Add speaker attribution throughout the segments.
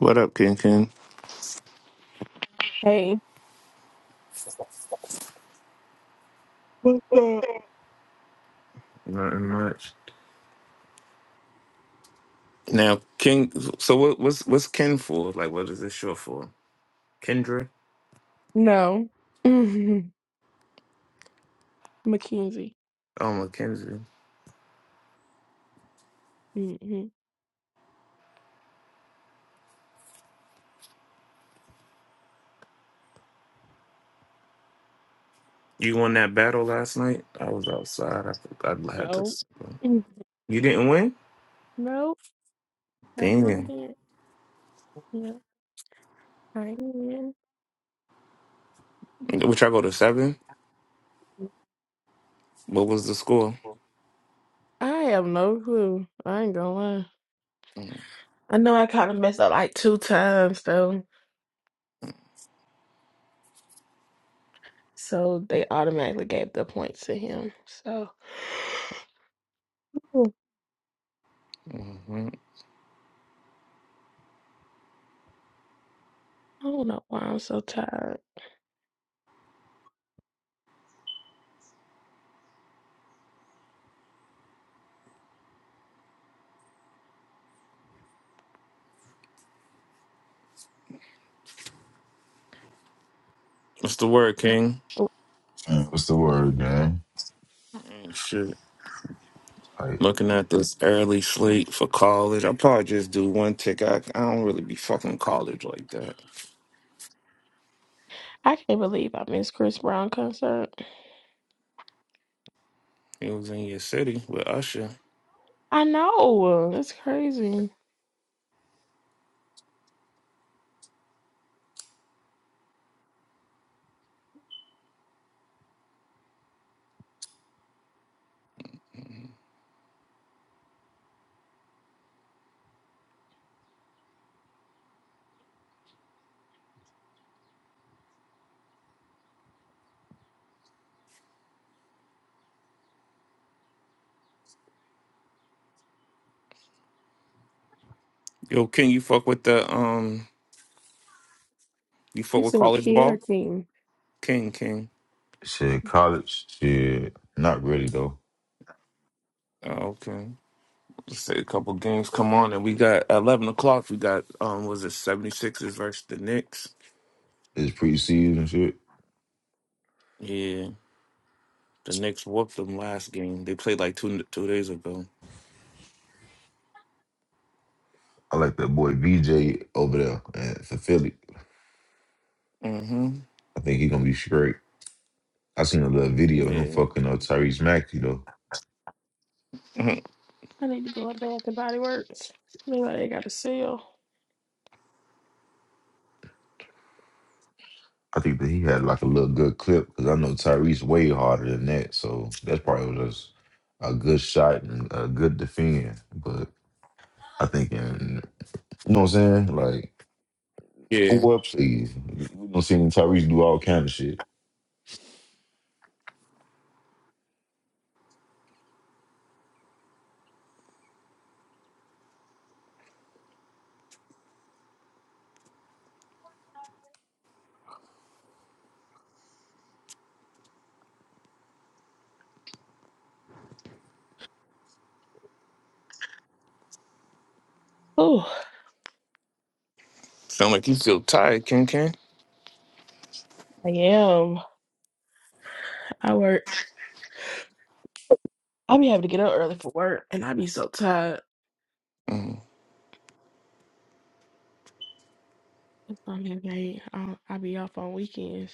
Speaker 1: What up, King King?
Speaker 2: Hey, What's up?
Speaker 1: Nothing much. Now, King. So what? What's what's Ken for? Like, what is this short for? Kendra?
Speaker 2: no. Mhm. Mackenzie.
Speaker 1: Oh, Mackenzie.
Speaker 2: hmm
Speaker 1: You won that battle last night. I was outside. I, I had to.
Speaker 2: No. Mhm.
Speaker 1: You didn't win.
Speaker 2: Nope. I
Speaker 1: Damn.
Speaker 2: didn't. Yeah, I didn't.
Speaker 1: Which I go to seven. What was the score?
Speaker 2: I have no clue. I ain't gonna lie. I know I kind of messed up like two times though. So they automatically gave the points to him. So I
Speaker 1: hmm
Speaker 2: don't know why I'm so tired.
Speaker 1: What's the word, King?
Speaker 2: Oh,
Speaker 3: Uh, What's the word, man?
Speaker 1: Mm, Shit.
Speaker 3: Like
Speaker 1: Looking at this early slate for college. I probably just do one tick. I, I don't really be fucking college like that.
Speaker 2: I can't believe I missed Chris Brown concert.
Speaker 1: It was in your city with Usher.
Speaker 2: I know. That's crazy.
Speaker 1: Yo, King, you fuck with the um, you fuck
Speaker 2: You
Speaker 1: with
Speaker 2: said
Speaker 1: college
Speaker 2: kid or
Speaker 1: ball,
Speaker 2: king?
Speaker 1: King, King.
Speaker 3: shit, college shit. Not really though.
Speaker 1: Oh, okay. Let's say a couple games come on, and we got at eleven o'clock. We got um, was it 76ers versus the Knicks?
Speaker 3: It's preseason shit.
Speaker 1: Yeah, the Knicks whooped them last game. They played like two two days ago.
Speaker 3: I like that boy VJ over there and for Philly.
Speaker 1: Mm-hmm.
Speaker 3: I think he gonna be straight. I seen a little video of him
Speaker 1: Yeah,
Speaker 3: fucking up Tyrese Maxey though.
Speaker 1: Mhm.
Speaker 2: I need to go up there with the body works. Maybe they got a sale?
Speaker 3: I think that he had like a little good clip because I know Tyrese way harder than that. So that's probably just a good shot and a good defend. But I think in you know what I'm saying? Like
Speaker 1: yeah.
Speaker 3: pull ups, please. we don't see Tyrese do all kind of shit.
Speaker 2: Oh,
Speaker 1: Sound like you feel tired, King, King.
Speaker 2: I am. I work. I be having to get up early for work, and I be so tired.
Speaker 1: Mm.
Speaker 2: That's why I'm late. I I be off on weekends.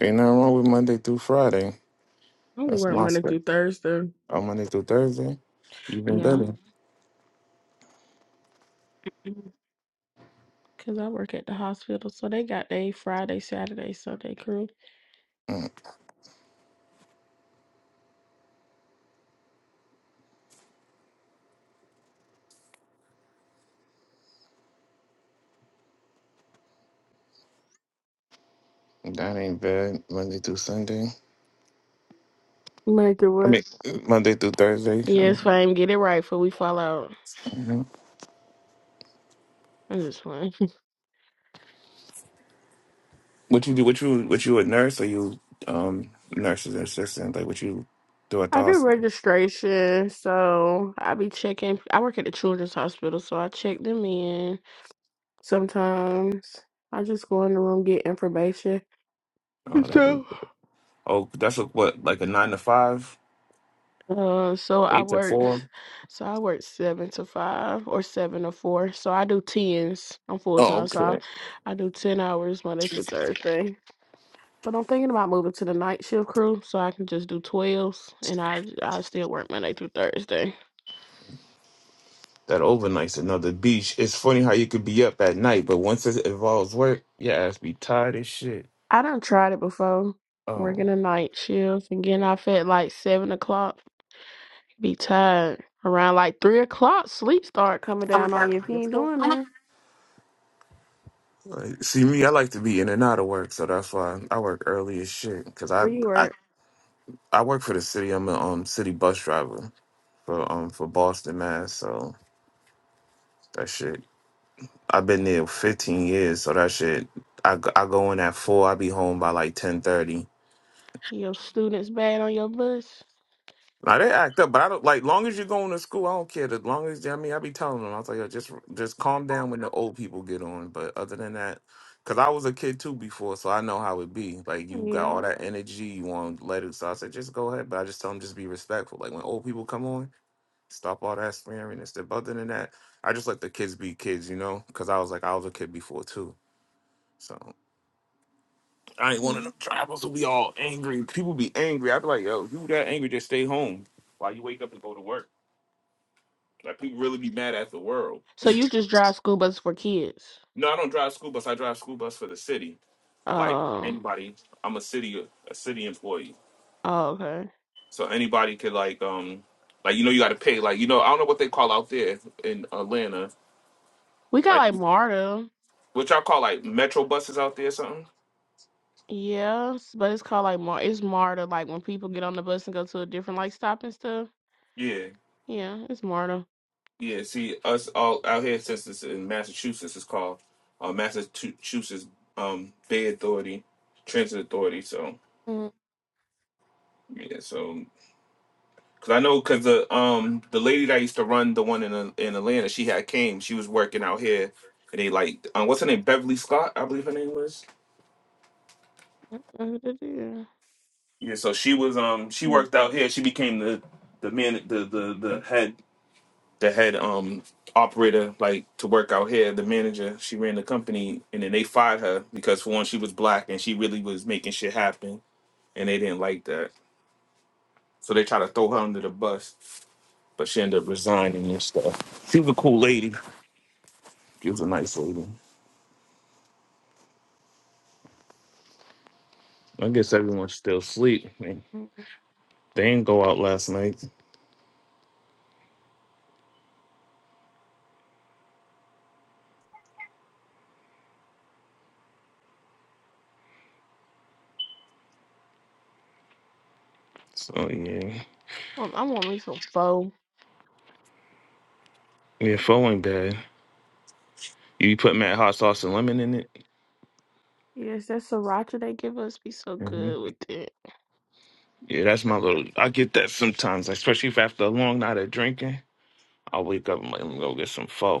Speaker 1: Ain't nothing wrong with Monday through Friday.
Speaker 2: I only
Speaker 1: That's
Speaker 2: work
Speaker 1: my
Speaker 2: Monday
Speaker 1: spec.
Speaker 2: through Thursday.
Speaker 1: Oh, Monday through Thursday, even
Speaker 2: Yeah,
Speaker 1: better.
Speaker 2: because I work at the hospital, so they got they Friday, Saturday, Sunday crew.
Speaker 1: Mm. That ain't bad. Monday through Sunday.
Speaker 2: Monday through
Speaker 1: I
Speaker 2: work.
Speaker 1: mean, Monday through Thursday.
Speaker 2: Yes, if
Speaker 1: Um,
Speaker 2: I get it right, before we fall out.
Speaker 1: mhm.
Speaker 2: I'm just fine.
Speaker 1: What you do? What you? What you a nurse or you um nurses and assistant? Like what you do at the
Speaker 2: I do
Speaker 1: hospital?
Speaker 2: registration, so I be checking. I work at the children's hospital, so I check them in. Sometimes I just go in the room get information. and
Speaker 1: Oh, that,
Speaker 2: stuff.
Speaker 1: oh that's a, what like a nine to five,
Speaker 2: Uh, so I
Speaker 1: eight to
Speaker 2: work,
Speaker 1: four.
Speaker 2: so I work seven to five or seven to four. So I do tens. I'm full
Speaker 1: Oh,
Speaker 2: time, so I,
Speaker 1: okay.
Speaker 2: I do ten hours Monday through Thursday. But I'm thinking about moving to the night shift crew, so I can just do twelves, and I I still work Monday through Thursday.
Speaker 1: That overnight's another beach. It's funny how you could be up at night, but once it involves work, your ass be tired as shit.
Speaker 2: I done tried it before,
Speaker 1: Oh.
Speaker 2: working a night shift and getting off at like seven o'clock. Be tired. Around like three o'clock, sleep start coming down on you if you ain't doing that.
Speaker 1: Like, see me, I like to be in and out of work, so that's why I work early as shit. Cause I
Speaker 2: Where you
Speaker 1: I,
Speaker 2: at?
Speaker 1: I work for the city. I'm a um city bus driver. for um for Boston, Mass. So that shit, I've been there 15 years. So that shit, I, g- I go in at four. I be home by like 10:30.
Speaker 2: Your students bad on your bus.
Speaker 1: Now they act up, but I don't like. Long as you're going to school, I don't care. As long as I mean, I be telling them, I was like, Yo, just just calm down when the old people get on. But other than that, because I was a kid too before, so I know how it be. Like you got
Speaker 2: Yeah.
Speaker 1: all that energy, you want to let it. So I said, just go ahead. But I just tell them, just be respectful. Like when old people come on. Stop all that swearing and stuff. Other than that, I just let the kids be kids, you know, because I was like, I was a kid before too. So I ain't one of
Speaker 2: Mhm.
Speaker 1: them drivers who be all angry. People be angry. I'd be like, yo, you that angry, just stay home while you wake up and go to work. Like people really be mad at the world.
Speaker 2: So you just drive school buses for kids?
Speaker 1: No, I don't drive school bus. I drive school bus for the city. Like
Speaker 2: Oh.
Speaker 1: anybody, I'm a city a city employee.
Speaker 2: Oh, okay.
Speaker 1: So anybody could like um like you know you got to pay like you know I don't know what they call out there in Atlanta
Speaker 2: We got
Speaker 1: like
Speaker 2: like MARTA.
Speaker 1: what y'all call like metro buses out there or something.
Speaker 2: Yes, but it's called like Mar. It's MARTA. Like when people get on the bus and go to a different like stop and stuff.
Speaker 1: Yeah,
Speaker 2: Yeah, it's MARTA.
Speaker 1: Yeah, see, us all out here, since it's in Massachusetts, it's called uh, Massachusetts um, Bay Authority Transit Authority. So
Speaker 2: Mm,
Speaker 1: yeah, so because I know because the um the lady that used to run the one in uh, in Atlanta, she had came, she was working out here, and they like um, what's her name, Beverly Scott, I believe her name was.
Speaker 2: yeah.
Speaker 1: Yeah, so she was um she
Speaker 2: Mm, mm.
Speaker 1: worked out here. She became the the man the the the head the head um operator like to work out here the manager she ran the company and then they fired her because for one she was black and she really was making shit happen and they didn't like that so they tried to throw her under the bus but she ended up resigning and stuff she was a cool lady she was a nice lady i guess everyone's still asleep Man,
Speaker 2: mm.
Speaker 1: they didn't go out last night so yeah
Speaker 2: Um, I want me some pho.
Speaker 1: yeah pho ain't bad you put mad hot sauce and lemon in it
Speaker 2: Yes, that sriracha they give us be so
Speaker 1: hmm
Speaker 2: good with it.
Speaker 1: yeah that's my little i get that sometimes especially if after a long night of drinking I'll wake up and let him go get some pho.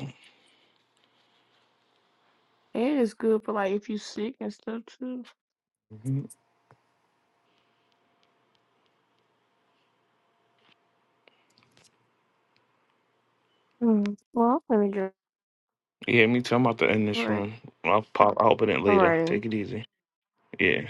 Speaker 2: It is good for like if you sick and stuff too.
Speaker 1: Mhm.
Speaker 2: Mm. Well, let me just.
Speaker 1: Yeah, me too. I'm about to end
Speaker 2: All
Speaker 1: this
Speaker 2: right.
Speaker 1: room. I'll pop. I'll open it
Speaker 2: All
Speaker 1: later.
Speaker 2: righty.
Speaker 1: Take it easy. Yeah.